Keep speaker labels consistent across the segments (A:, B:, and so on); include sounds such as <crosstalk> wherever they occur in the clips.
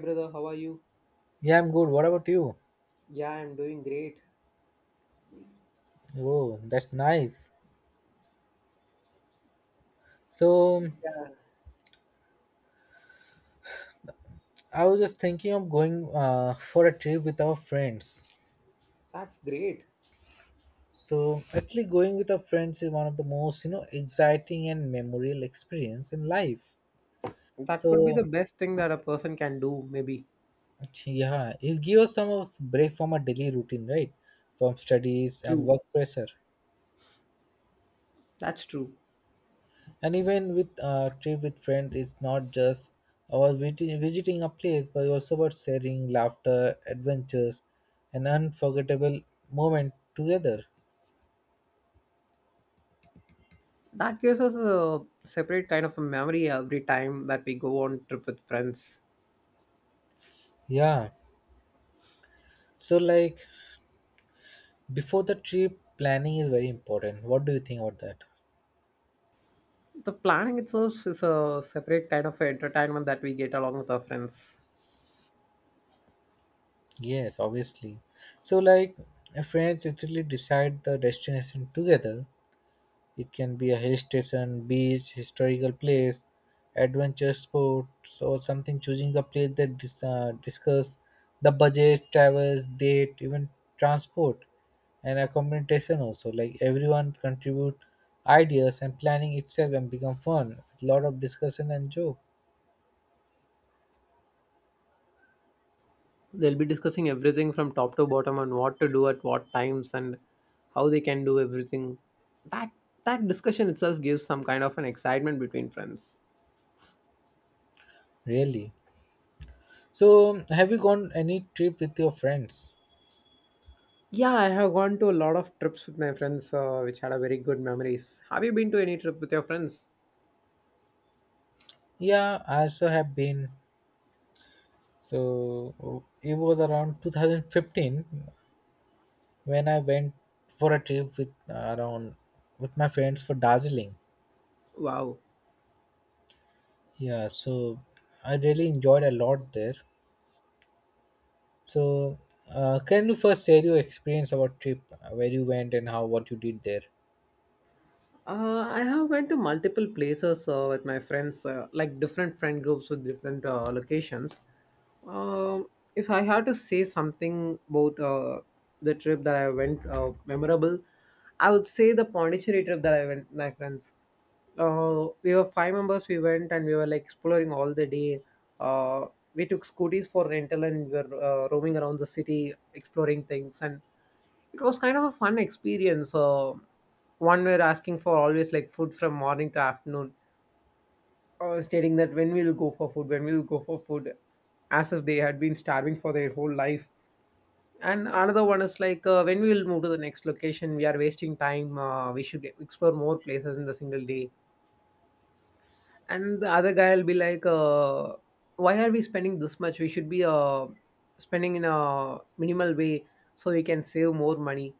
A: Brother, how are you?
B: Yeah, I'm good. What about you?
A: Yeah, I'm doing great.
B: Oh, that's nice. So,
A: Yeah,
B: I was just thinking of going for a trip with our friends.
A: that's great.
B: So, actually, going with our friends is one of the most, exciting and memorable experience in life.
A: That could be the
B: So,
A: best thing that a person can do, maybe.
B: yeah, it gives us some of break from our daily routine, right? From studies and
A: True.
B: work pressure.
A: That's true.
B: And even with a trip with friends, it's not just about visiting a place, but also about sharing laughter, adventures, and unforgettable moment together.
A: That gives us a separate kind of a memory every time that we go on trip with friends.
B: Yeah. So like before the trip, planning is very important. What do you think about that?
A: The planning itself is a separate kind of entertainment that we get along with our friends.
B: Yes, obviously. So like friends actually decide the destination together. It can be a hill station, beach, historical place, adventure sports, or something. Choosing a place that discuss the budget, travels, date, even transport and accommodation also. Like everyone contribute ideas and planning itself and become fun with lot of discussion and joke.
A: They'll be discussing everything from top to bottom on what to do at what times and how they can do everything. That that discussion itself gives some kind of an excitement between friends.
B: Really. So have you gone any trip with your friends?
A: Yeah, I have gone to a lot of trips with my friends, which had a very good memories. Have you been to any trip with your friends?
B: Yeah, I also have been. So it was around 2015 when I went for a trip with around with my friends for Darjeeling.
A: Wow.
B: Yeah, so I really enjoyed a lot there. So, can you first share your experience about trip, where you went and how what you did there?
A: I have went to multiple places with my friends, like different friend groups with different locations. Um, if I had to say something about the trip that I went memorable, I would say the Pondicherry trip that I went with my friends. We were five members. We went and we were like exploring all the day. Uh, we took scooties for rental and we were roaming around the city, exploring things and. It was kind of a fun experience. One were asking for always like food from morning to afternoon, stating that when we'll go for food, when we'll go for food, as if they had been starving for their whole life. And another one is like when we will move to the next location, we are wasting time. We should explore more places in the single day. And the other guy will be like why are we spending this much? We should be spending in a minimal way so we can save more money.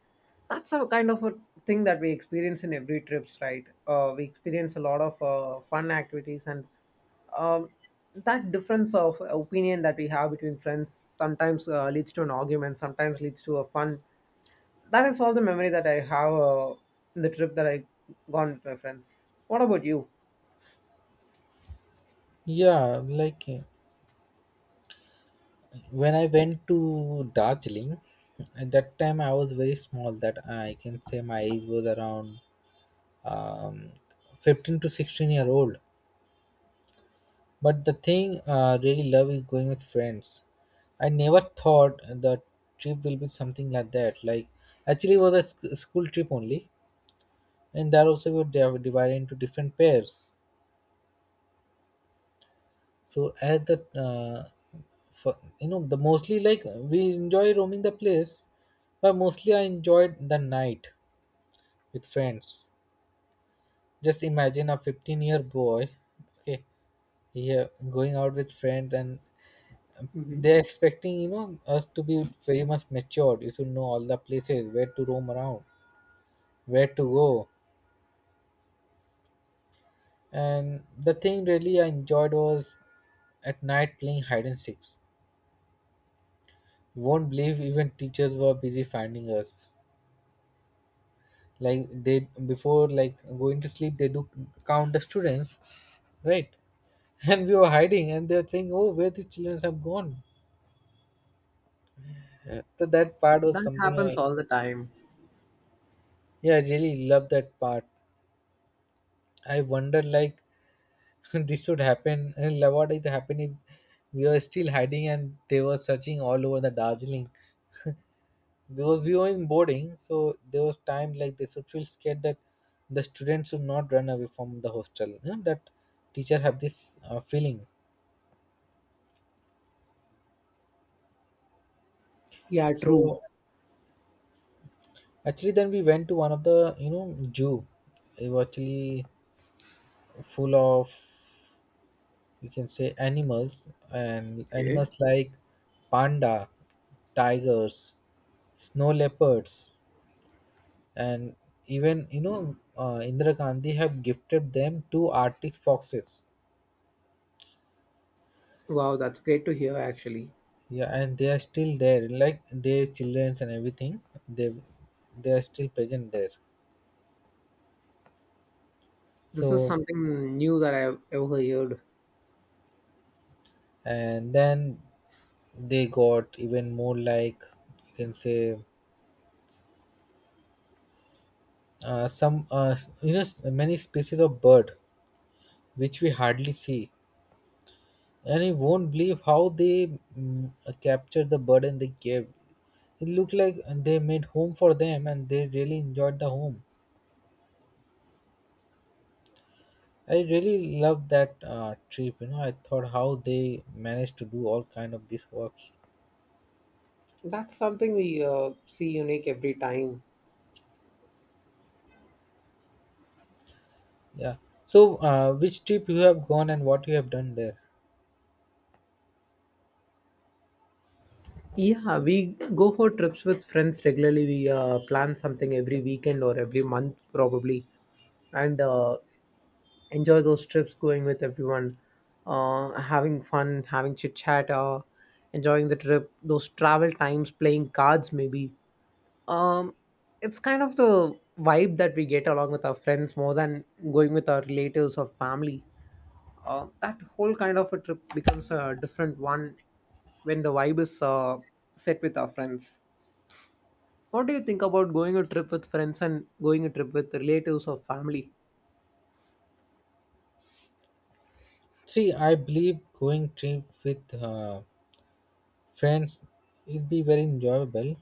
A: That's a kind of a thing that we experience in every trips, right? We experience a lot of fun activities. And um, that difference of opinion that we have between friends sometimes leads to an argument, sometimes leads to a fun. That is all the memory that I have in the trip that I gone with my friends. What about you?
B: Yeah, like when I went to Darjeeling, at that time I was very small. That I can say my age was around um, 15 to 16 year old. But the thing I really love is going with friends. I never thought the trip will be something like that. Like, actually, it was a school trip only, and there also we were divided into different pairs. So I had for, the mostly like we enjoy roaming the place, but mostly I enjoyed the night with friends. Just imagine a 15-year boy, okay, yeah, going out with friends, and
A: Mhm.
B: they're expecting us to be very much matured. You should know all the places where to roam around, where to go. And the thing really I enjoyed was at night playing hide and seeks. You won't believe, even teachers were busy finding us. Like they, before like going to sleep, they do count the students, right? <laughs> And we were hiding, and they're saying, oh, where the children have gone? So that part was
A: That
B: something
A: happens
B: I,
A: all the time.
B: yeah, I really loved that part. I wonder like <laughs> this would happen, and what it happened if we were still hiding and they were searching all over the Darjeeling, because we were in boarding. So there was time like they should feel scared that the students should not run away from the hostel, you know, that teacher have this feeling.
A: Yeah, true.
B: So actually then we went to one of the zoo. It was actually full of, you can say, animals and
A: Okay.
B: animals, like panda, tigers, snow leopards, and even Indira Gandhi have gifted them two Arctic foxes.
A: Wow, that's great to hear actually.
B: Yeah, and they are still there, like their childrens and everything. They they are still present there.
A: This is
B: So,
A: something new that I've ever heard.
B: and then they got even more like, you can say, some you know many species of bird which we hardly see. And you won't believe how they captured the bird and they gave. It looked like they made home for them, and they really enjoyed the home. I really loved that trip. You know, I thought how they managed to do all kind of these works.
A: That's something we see unique every time.
B: Yeah. So, which trip you have gone and what you have done there?
A: Yeah, we go for trips with friends regularly. We plan something every weekend or every month, probably, and enjoy those trips going with everyone, having fun, having chit chat, enjoying the trip, those travel times, playing cards, maybe. Um, it's kind of the vibe that we get along with our friends more than going with our relatives or family. That whole kind of a trip becomes a different one when the vibe is set with our friends. What do you think about going a trip with friends and going a trip with relatives or family?
B: See, I believe going trip with friends it'd be very enjoyable,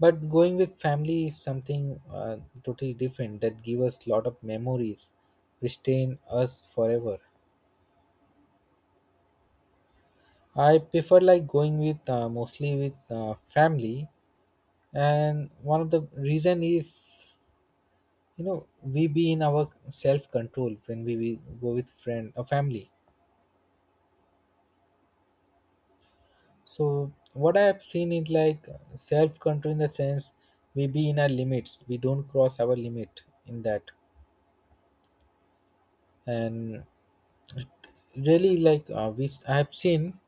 B: but going with family is something totally different that give us lot of memories which stay in us forever. I prefer like going with mostly with family. And one of the reason is, we be in our self control when we go with friend or family. So what I have seen is like self control in the sense we be in our limits, we don't cross our limit in that. And really, like which I have seen,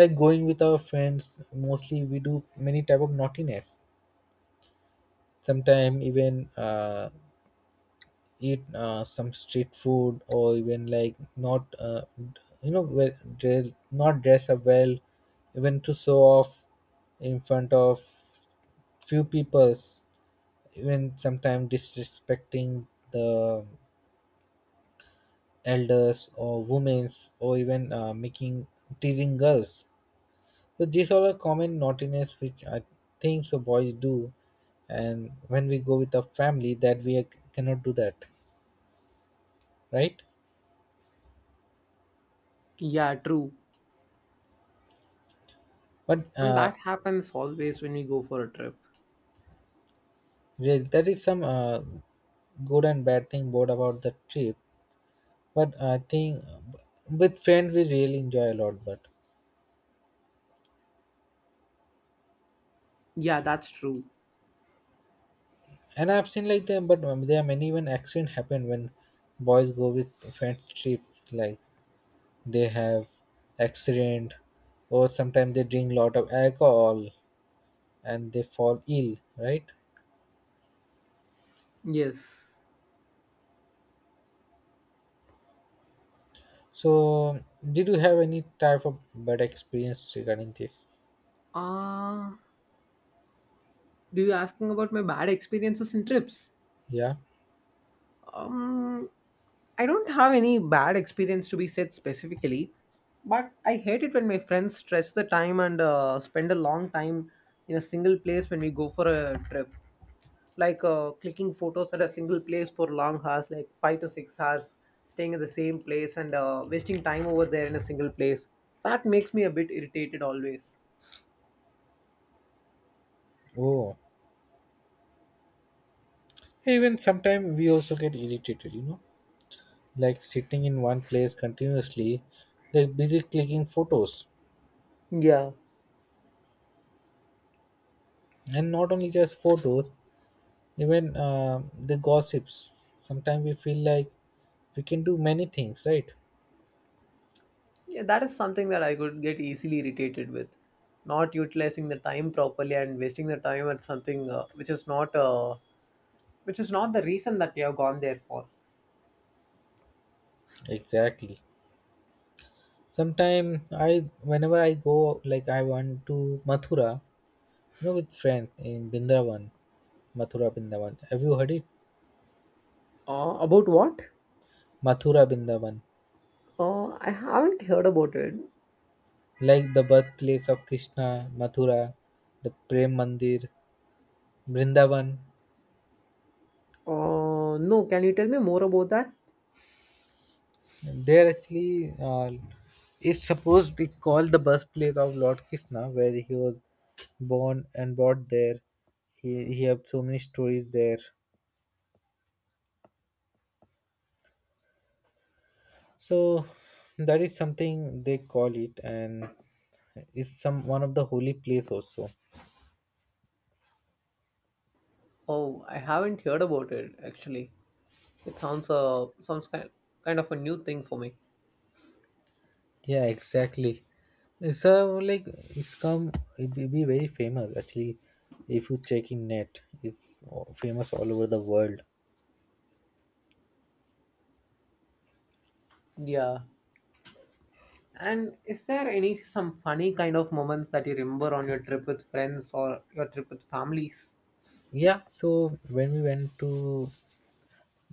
B: like going with our friends mostly we do many type of naughtiness. Sometimes even eat some street food or even like not you know well, dress, not dress up well, even to show off in front of few peoples, even sometimes disrespecting the elders or women's, or even making teasing girls. So these are a common naughtiness which I think so boys do, and when we go with a family, that we cannot do that, right?
A: Yeah, true.
B: But
A: And that happens always when we go for a trip.
B: yeah, that is some good and bad thing both about the trip. But I think with friends we really enjoy a lot. But
A: Yeah, that's true.
B: and I've seen like them, but there are many even accident happen when boys go with friends trip. Like they have accident, or sometimes they drink lot of alcohol and they fall ill, right?
A: Yes.
B: So did you have any type of bad experience regarding this?
A: Uh, do you asking about my bad experiences in trips?
B: Yeah.
A: Um, I don't have any bad experience to be said specifically, but I hate it when my friends stretch the time and spend a long time in a single place when we go for a trip. Like clicking photos at a single place for long hours, like 5 to 6 hours, staying at the same place and wasting time over there in a single place. That makes me a bit irritated always.
B: Oh, hey, even sometimes we also get irritated, like sitting in one place continuously, they're busy clicking photos.
A: Yeah.
B: And not only just photos, even the gossips, sometimes we feel like we can do many things, right?
A: Yeah, that is something that I could get easily irritated with. Not utilizing the time properly and wasting the time at something which is not the reason that you have gone there for.
B: Exactly. Sometimes I, whenever I go, like I want to Mathura, you know, with friend in Bindravan, Mathura Bindavan. Have you heard it?
A: About what?
B: Mathura Bindavan.
A: I haven't heard about it.
B: Like the birthplace of Krishna, Mathura, the Prem Mandir, Brindavan.
A: No, can you tell me more about that?
B: There actually, it's supposed to be called the birthplace of Lord Krishna, where he was born and brought there. He had so many stories there. So that is something they call it, and it's some one of the holy place also.
A: Oh, I haven't heard about it actually. It sounds kind of a new thing for me.
B: Yeah, exactly. So like it will be very famous actually if you check in net, it's famous all over the world.
A: Yeah. And is there any some funny kind of moments that you remember on your trip with friends or your trip with families?
B: Yeah, so when we went to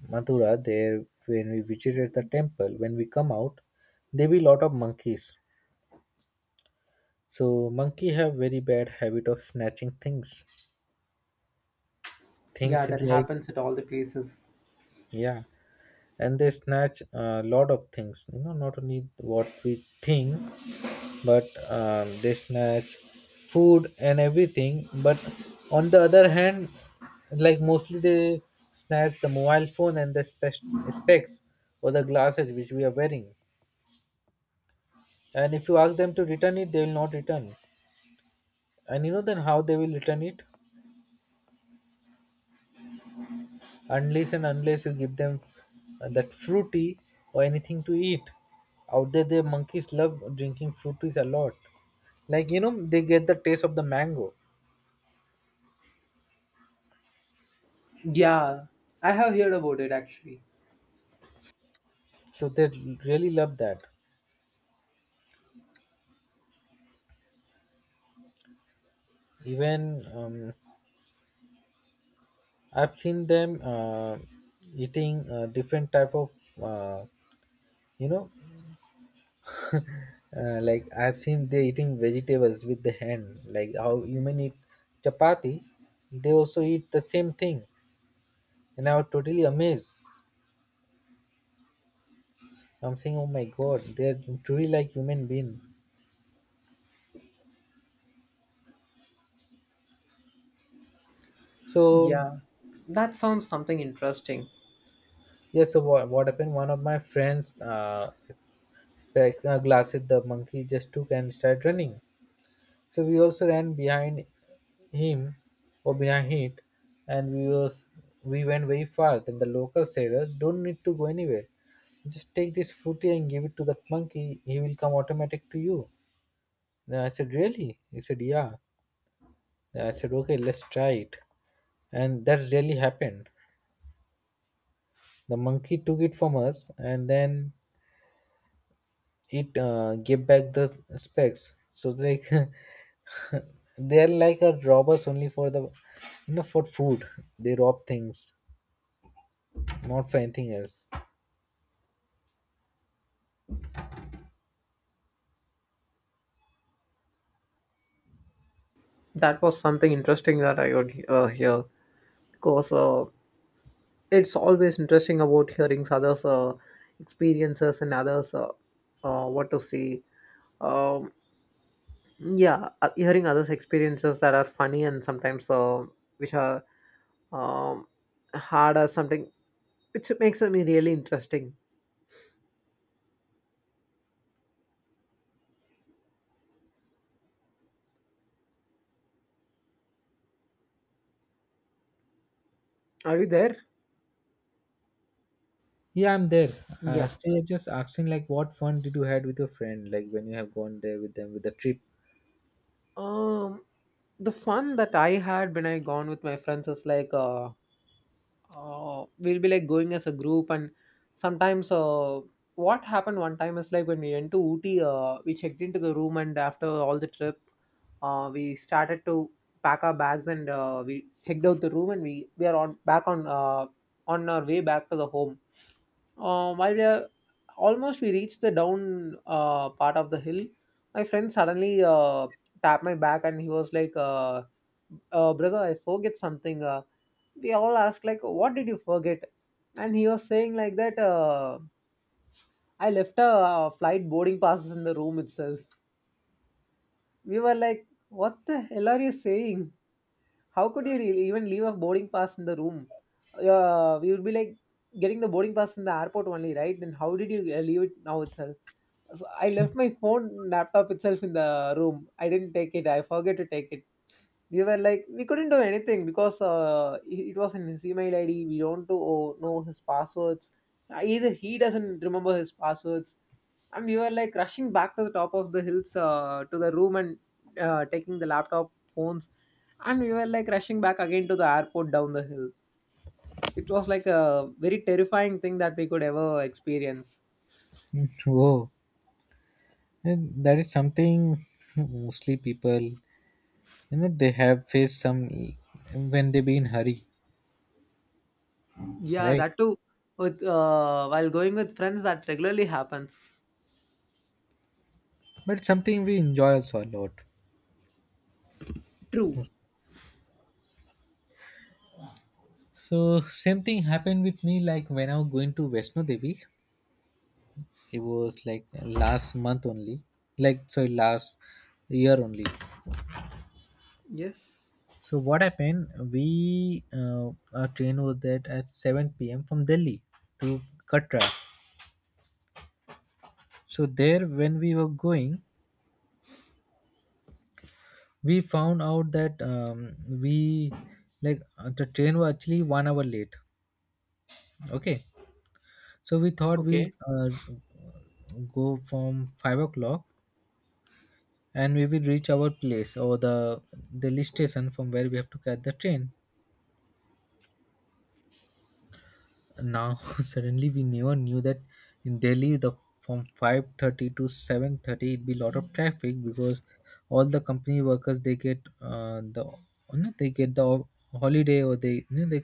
B: Mathura, there, when we visited the temple, when we come out, there be lot of monkeys. So monkey have very bad habit of snatching things.
A: Yeah,
B: Things is
A: that
B: like,
A: happens at all the places.
B: yeah, and they snatch a lot of things, not only what we think. But they snatch food and everything. But on the other hand, like mostly they snatch the mobile phone and the specs or the glasses which we are wearing. And if you ask them to return it, they will not return. And then how they will return it? Unless and unless you give them that fruity or anything to eat. Out there the monkeys love drinking fruities a lot, like they get the taste of the mango.
A: Yeah, I have heard about it actually.
B: So they really love that. Even I've seen them eating different type of uh, you know like I've seen they eating vegetables with the hand like how human eat chapati. They also eat the same thing. And I was totally amazed. I'm saying, oh my god, they're truly like human being. So,
A: Yeah, that sounds something interesting.
B: yeah, so what happened? One of my friends, specs, glasses, the monkey just took and started running. So we also ran behind him, or behind it, and we went very far. Then the local said, Don't need to go anywhere. Just take this fruity and give it to the monkey. He will come automatic to you." Then I said, really? He said, yeah. Then I said, okay, let's try it. And that really happened. The monkey took it from us, and then it gave back the specs. So like <laughs> they are like a robbers only for the for food. They rob things, not for anything else.
A: That was something interesting that I would hear because it's always interesting about hearing others' experiences and others' what to say. Um, yeah, hearing others' experiences that are funny and sometimes which are um, hard or something, which makes me really interesting. Are you there?
B: Yeah, I'm there. Uh,
A: Yeah.
B: still just asking like, what fun did you had with your friend? Like when you have gone there with them with the trip. <laughs>
A: Um, the fun that I had when I gone with my friends is like we'll be like going as a group. And sometimes what happened one time is like when we went to Ooty, we checked into the room, and after all the trip, we started to pack our bags, and we checked out the room, and we are on back on our way back to the home. While we are almost we reached the down part of the hill, my friend suddenly tapped my back and he was like, "Brother, I forget something." We all asked like, "What did you forget?" And he was saying like that, "I left a flight boarding passes in the room itself." We were like, "What the hell are you saying? How could you really even leave a boarding pass in the room?" We would be like getting the boarding pass in the airport only, right? Then how did you leave it now itself? So I left my phone laptop itself in the room. I didn't take it. I forget to take it. We were like we couldn't do anything because it was in his email ID. We don't know his passwords. Either he doesn't remember his passwords, and we were like rushing back to the top of the hills, to the room, and taking the laptop phones, and we were like rushing back again to the airport down the hill. It was like a very terrifying thing that we could ever experience.
B: Whoa, and that is something <laughs> mostly people, they have faced some when they be in hurry,
A: Yeah,
B: right?
A: that too. With while going with friends, that regularly happens.
B: But it's something we enjoy also a lot.
A: True.
B: So same thing happened with me like when I was going to Vaishno Devi. It was like last month only, like sorry, last year only.
A: Yes.
B: So what happened? We Our train was there at 7 p.m. from Delhi to Katra. So there when we were going, we found out that we like the train was actually 1 hour late. Okay, so we thought we'll
A: Okay.
B: go from 5 o'clock and we will reach our place or the Delhi station from where we have to catch the train. Now <laughs> suddenly we never knew that in Delhi the from 5:30 to 7:30 it be lot of traffic because all the company workers they get the they get the holiday or they they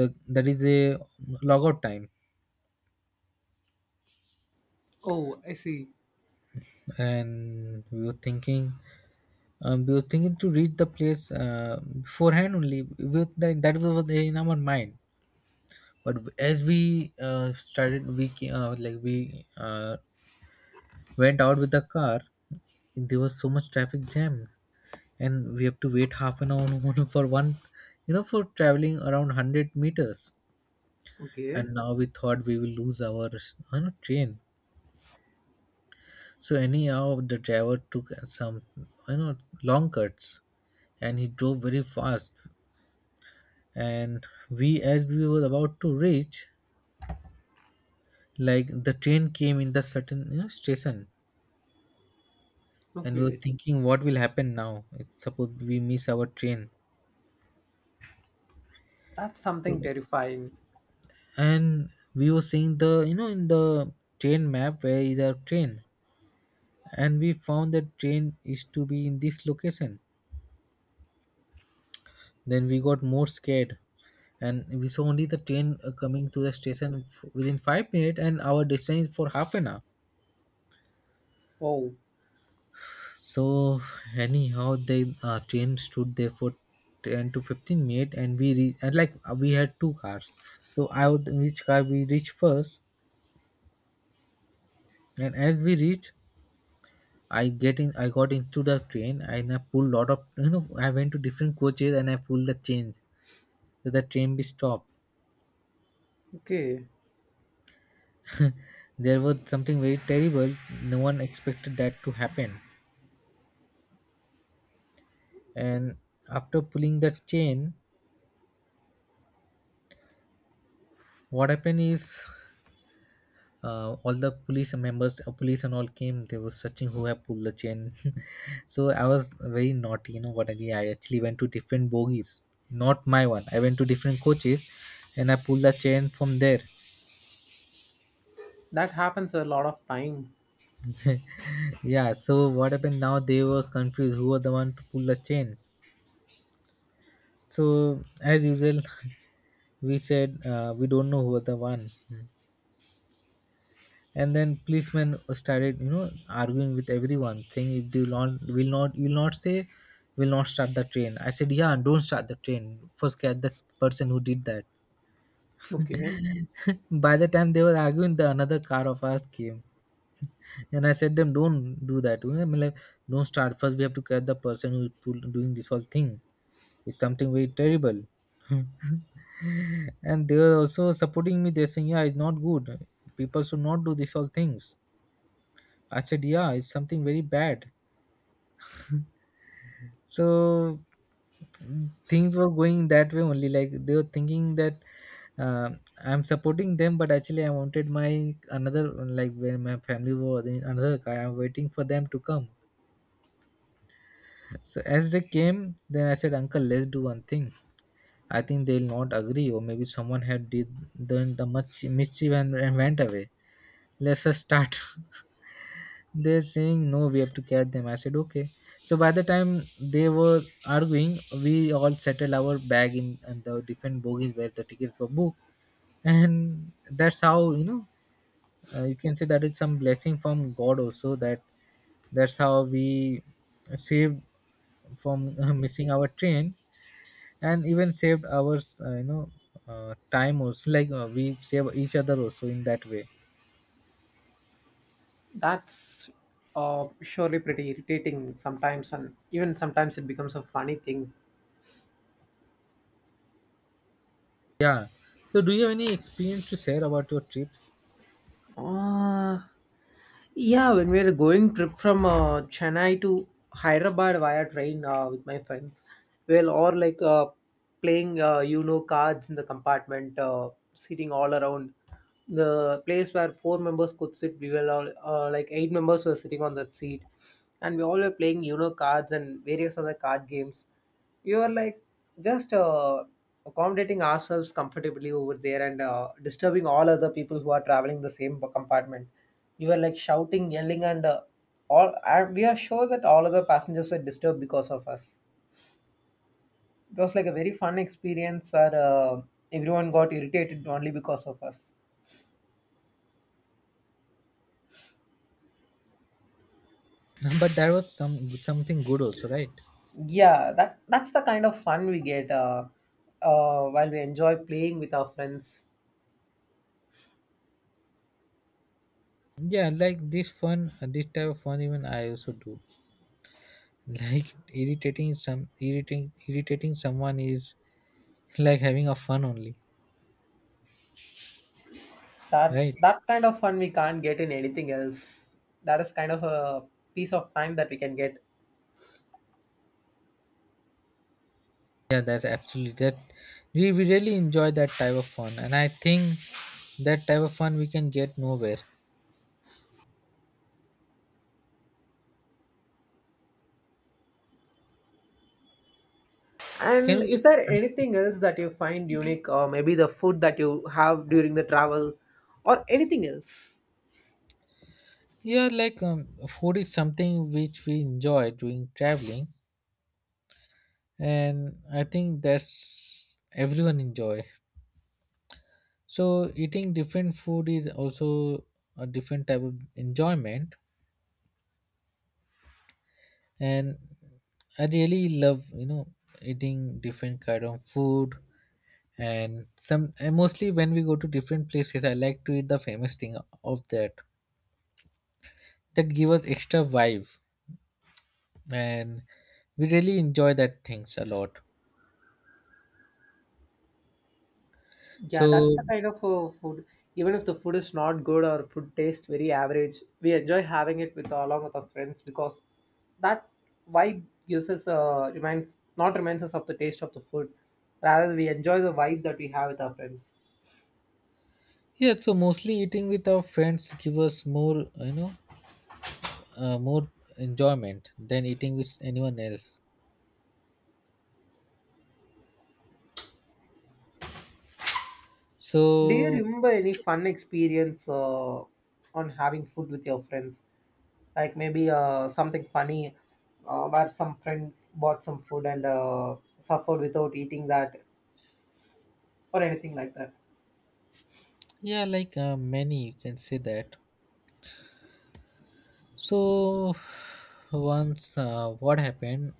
B: the that is a logout time.
A: Oh, I see.
B: And we were thinking, we were thinking to reach the place beforehand only with, like, that was in our mind, but as we started, we came, like we went out with the car, there was so much traffic jam, and we have to wait half an hour <laughs> for one, for traveling around 100 meters.
A: Okay.
B: And now we thought we will lose our, train. So anyhow, the driver took some, long cuts, and he drove very fast. And we, as we were about to reach, like, the train came in the certain, station. And we were
A: Okay.
B: thinking what will happen now if suppose we miss our train.
A: That's something
B: So,
A: terrifying.
B: and we were seeing the, in the train map, where is our train. And we found that train is to be in this location. Then we got more scared, and we saw only the train coming to the station f- within 5 minutes, and our destination is for half an hour.
A: Oh,
B: So anyhow the train stood there for 10 to 15 minutes, and we re- and like we had 2 cars. So I would, which car we reached first. And as we reached, I get in. I got into the train and I pulled lot of, I went to different coaches and I pulled the change so the train be stopped.
A: okay.
B: There was something very terrible. No one expected that to happen. And after pulling that chain, what happened is all the police members, police and all came. They were searching who have pulled the chain. <laughs> So I was very naughty. You know what I did? I actually went to different bogies, not my one. I went to different coaches, and I pulled the chain from there.
A: That happens a lot of time.
B: Yeah, so what happened, now they were confused who was the one to pull the chain. So, as usual, <laughs> we said we don't know who was the one. And then policemen started, you know, arguing with everyone, saying if they will not, will not say, will not start the train. I said, yeah, don't start the train, first get the person who did that.
A: Okay.
B: <laughs> By the time they were arguing, the another car of ours came. And I said them, don't do that. I mean, like, don't start. First, we have to catch the person who is pull- doing this whole thing. It's something very terrible. <laughs> And they were also supporting me. They're saying, yeah, it's not good. People should not do this all things. I said, yeah, it's something very bad. So things were going that way only, like they were thinking that uh, I'm supporting them, but actually I wanted my another, like, when my family was in another car, I'm waiting for them to come. So as they came, then I said, uncle, let's do one thing. I think they'll not agree, or maybe someone had did done the much mischief and, went away. Let's just start. <laughs> They're saying, no, we have to catch them. I said, okay. So by the time they were arguing, we all settled our bag in the different bogies where the tickets were booked. And that's how, you know, you can say that it's some blessing from God also, that that's how we saved from <laughs> missing our train, and even saved our you know, time also, like we save each other also in that way.
A: That's surely pretty irritating sometimes, and even sometimes it becomes a funny thing.
B: Yeah, so do you have any experience to share about your trips?
A: Uh, yeah, when we were going trip from Chennai to Hyderabad via train with my friends, well, or like playing cards in the compartment, sitting all around the place where four members could sit. We were all like eight members were sitting on that seat, and we all were playing cards and various other card games. You are like just accommodating ourselves comfortably over there and disturbing all other people who are traveling the same compartment. You are like shouting yelling and all, and we are sure that all other passengers are disturbed because of us. It was like a very fun experience where everyone got irritated only because of us.
B: <laughs> But there was some something good also, right?
A: Yeah, that's the kind of fun we get while we enjoy playing with our friends.
B: Yeah, like this fun, this type of fun even I also do. <laughs> Like irritating some, irritating someone is <laughs> like having a fun only.
A: That
B: Right.
A: that kind of fun we can't get in anything else. That is kind of a piece of time that we can get.
B: Yeah, that's absolutely that. We, really enjoy that type of fun, and I think that type of fun we can get nowhere. Can
A: And
B: we
A: is
B: just,
A: there anything else that you find unique, or maybe the food that you have during the travel, or anything else?
B: yeah, like, food is something which we enjoy doing traveling, and I think that's everyone enjoy. So eating different food is also a different type of enjoyment. And I really love, you know, eating different kind of food. And some, and mostly when we go to different places, I like to eat the famous thing of that, that give us extra vibe. And we really enjoy that things a lot.
A: Yeah, that's
B: So,
A: the kind of food. Even if the food is not good or food tastes very average, we enjoy having it with along with our friends because that vibe gives us reminds not reminds us of the taste of the food. Rather, we enjoy the vibe that we have with our friends.
B: yeah, so mostly eating with our friends give us more, more enjoyment than eating with anyone else.
A: Do you
B: So,
A: remember any fun experience on having food with your friends? Like maybe something funny where some friend bought some food and suffered without eating that or anything like that.
B: yeah, like many, you can say that. So, once what happened,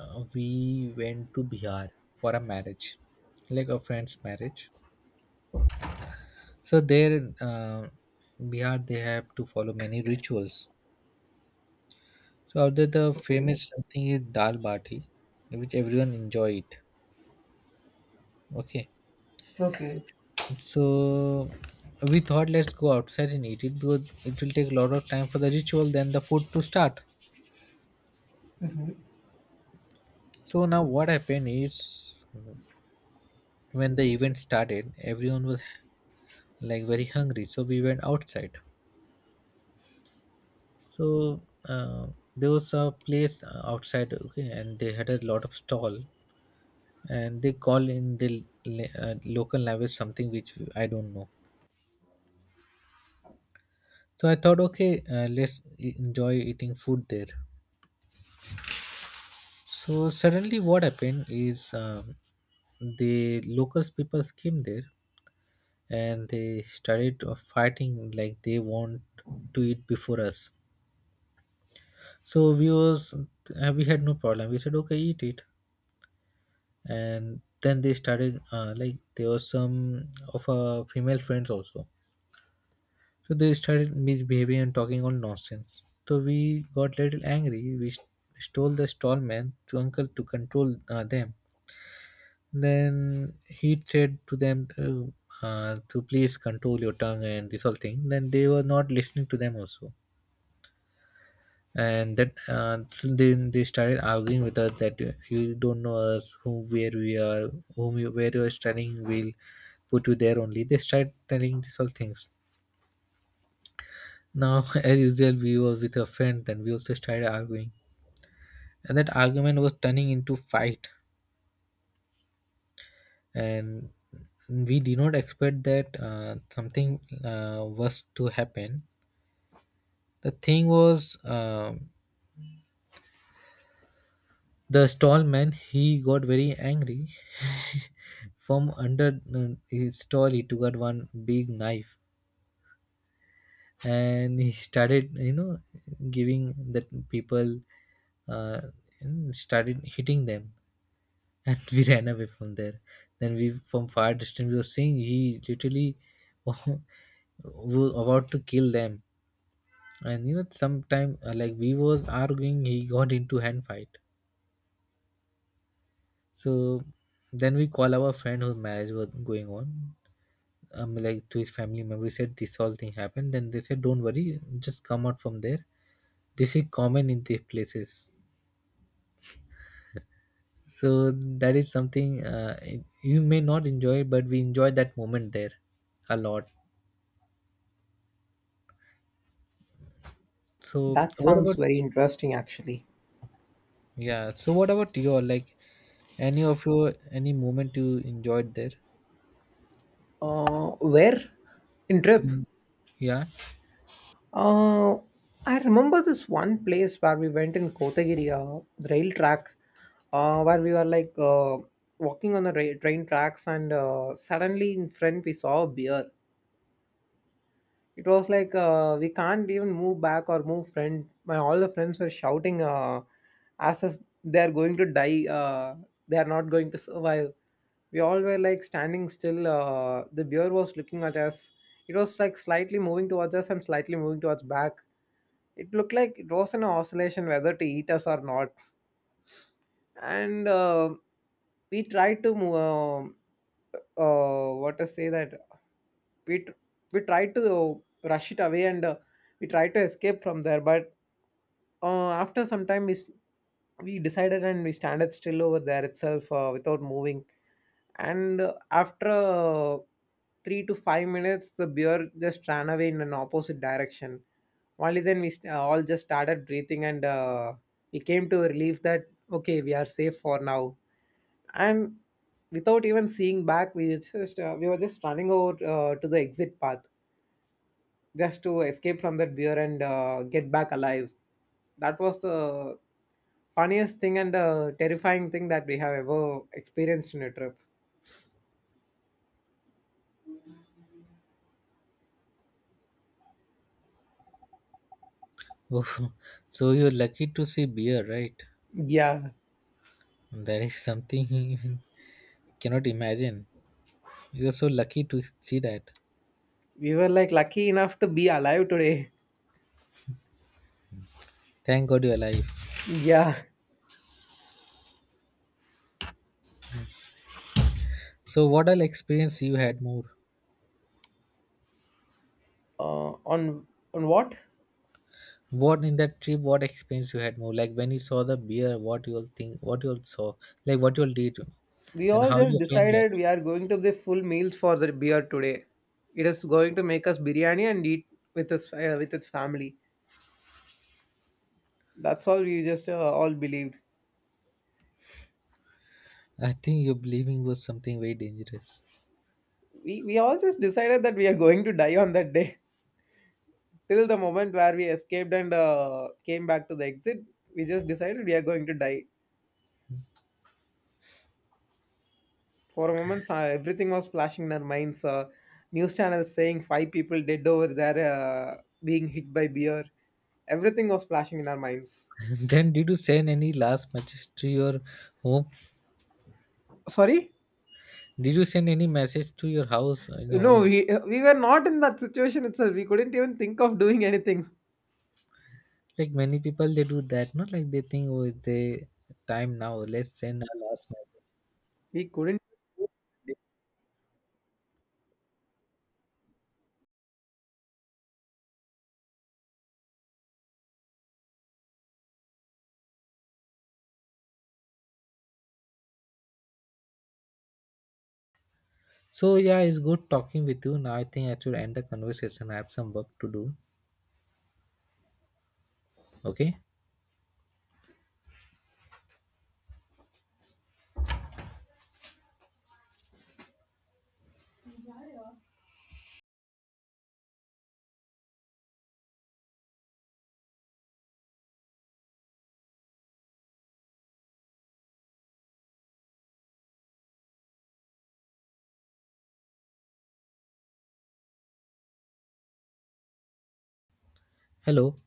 B: we went to Bihar for a marriage, like a friend's marriage. So, there, Bihar, they have to follow many rituals. So, out there, the
A: Okay.
B: famous thing is dal bati, which everyone enjoy it. Okay,
A: Okay.
B: so we thought let's go outside and eat it because it will take a lot of time for the ritual, then the food to start. So now what happened is when the event started everyone was like very hungry, so we went outside. So uh, there was a place outside, okay, and they had a lot of stall, and they call in the la- local language something which I don't know. So I thought, okay, let's e- enjoy eating food there. So suddenly what happened is, the locals people came there and they started fighting, like they want to eat before us. So we was we had no problem. We said, okay, eat it. And then they started, like, there was some of our female friends also. So they started misbehaving and talking all nonsense. So we got little angry. We st- stole the stall man to uncle to control them. Then he said to them to please control your tongue and this whole thing. Then they were not listening to them also. And that so then they started arguing with us that you don't know us, who where we are, whom you, where you are studying, will put you there only. They started telling these all things. Now <laughs> as usual, we were with a friend, then we also started arguing, and that argument was turning into fight. And we did not expect that something was to happen. The thing was, um, the stall man, he got very angry. <laughs> From under his stall he took out one big knife, and he started, you know, giving the people uh, started hitting them. And <laughs> we ran away from there. Then we, from far distance, we were seeing he literally <laughs> was about to kill them. And, you know, sometime like we was arguing, he got into hand fight. So then we call our friend whose marriage was going on, like, to his family member. We said this whole thing happened. Then they said, "Don't worry, just come out from there." This is common in these places. So that is something, it- you may not enjoy, but we enjoy that moment there a lot. So
A: That
B: what
A: sounds
B: about,
A: very interesting actually.
B: yeah? So what about your, like, any of your, any moment you enjoyed there?
A: Where? In trip?
B: Mm. Yeah.
A: Uh, I remember this one place where we went in Kotagiri, the rail track, where we were like walking on the train tracks, and suddenly in front we saw a bear. It was like we can't even move back or move friend my all the friends were shouting as if they are going to die, they are not going to survive. We all were like standing still, the bear was looking at us. It was like slightly moving towards us and slightly moving towards back. It looked like it was an oscillation whether to eat us or not. And we try to move, what to say that we tr- we try to rush it away, and we try to escape from there, but after some time, we decided and we standed still over there itself without moving. And after 3 to 5 minutes, the beer just ran away in an opposite direction. Only then all just started breathing, and we came to a relief that, okay, we are safe for now. And without even seeing back, we were just running over to the exit path just to escape from that beer and get back alive. That was the funniest thing and terrifying thing that we have ever experienced in a trip.
B: <laughs> Oh, so you're lucky to see beer, right?
A: Yeah,
B: That is something. <laughs> Cannot imagine. You're so lucky to see that.
A: we were like lucky enough to be alive today.
B: Thank God you're alive.
A: Yeah.
B: So what all experience you had more?
A: On what?
B: What in that trip? What experience you had more? Like when you saw the beer, what you all think? What you all saw? Like what you all did,
A: We
B: and
A: all
B: how
A: just
B: your friend
A: decided
B: reacted?
A: we are going to the full meals for the beer today. It is going to make us biryani and eat with us with its family. That's all we just all believed.
B: I think your believing was something very dangerous.
A: We all just decided that we are going to die on that day. Till the moment where we escaped and came back to the exit, we just decided we are going to die. For a moment, everything was flashing in our minds, news channels saying five people dead over there, being hit by beer. Everything was flashing in our minds.
B: <laughs> Then did you send any last message to your home?
A: Sorry.
B: Did you send any message to your house or in your
A: No,
B: home?
A: we were not in that situation itself. We couldn't even think of doing anything.
B: Like many people, they do that. Not like they think, oh, it's the time now. Let's send a last message.
A: We couldn't
B: So yeah, it's good talking with you. Now I think I should end the conversation. I have some work to do. Okay. Hello.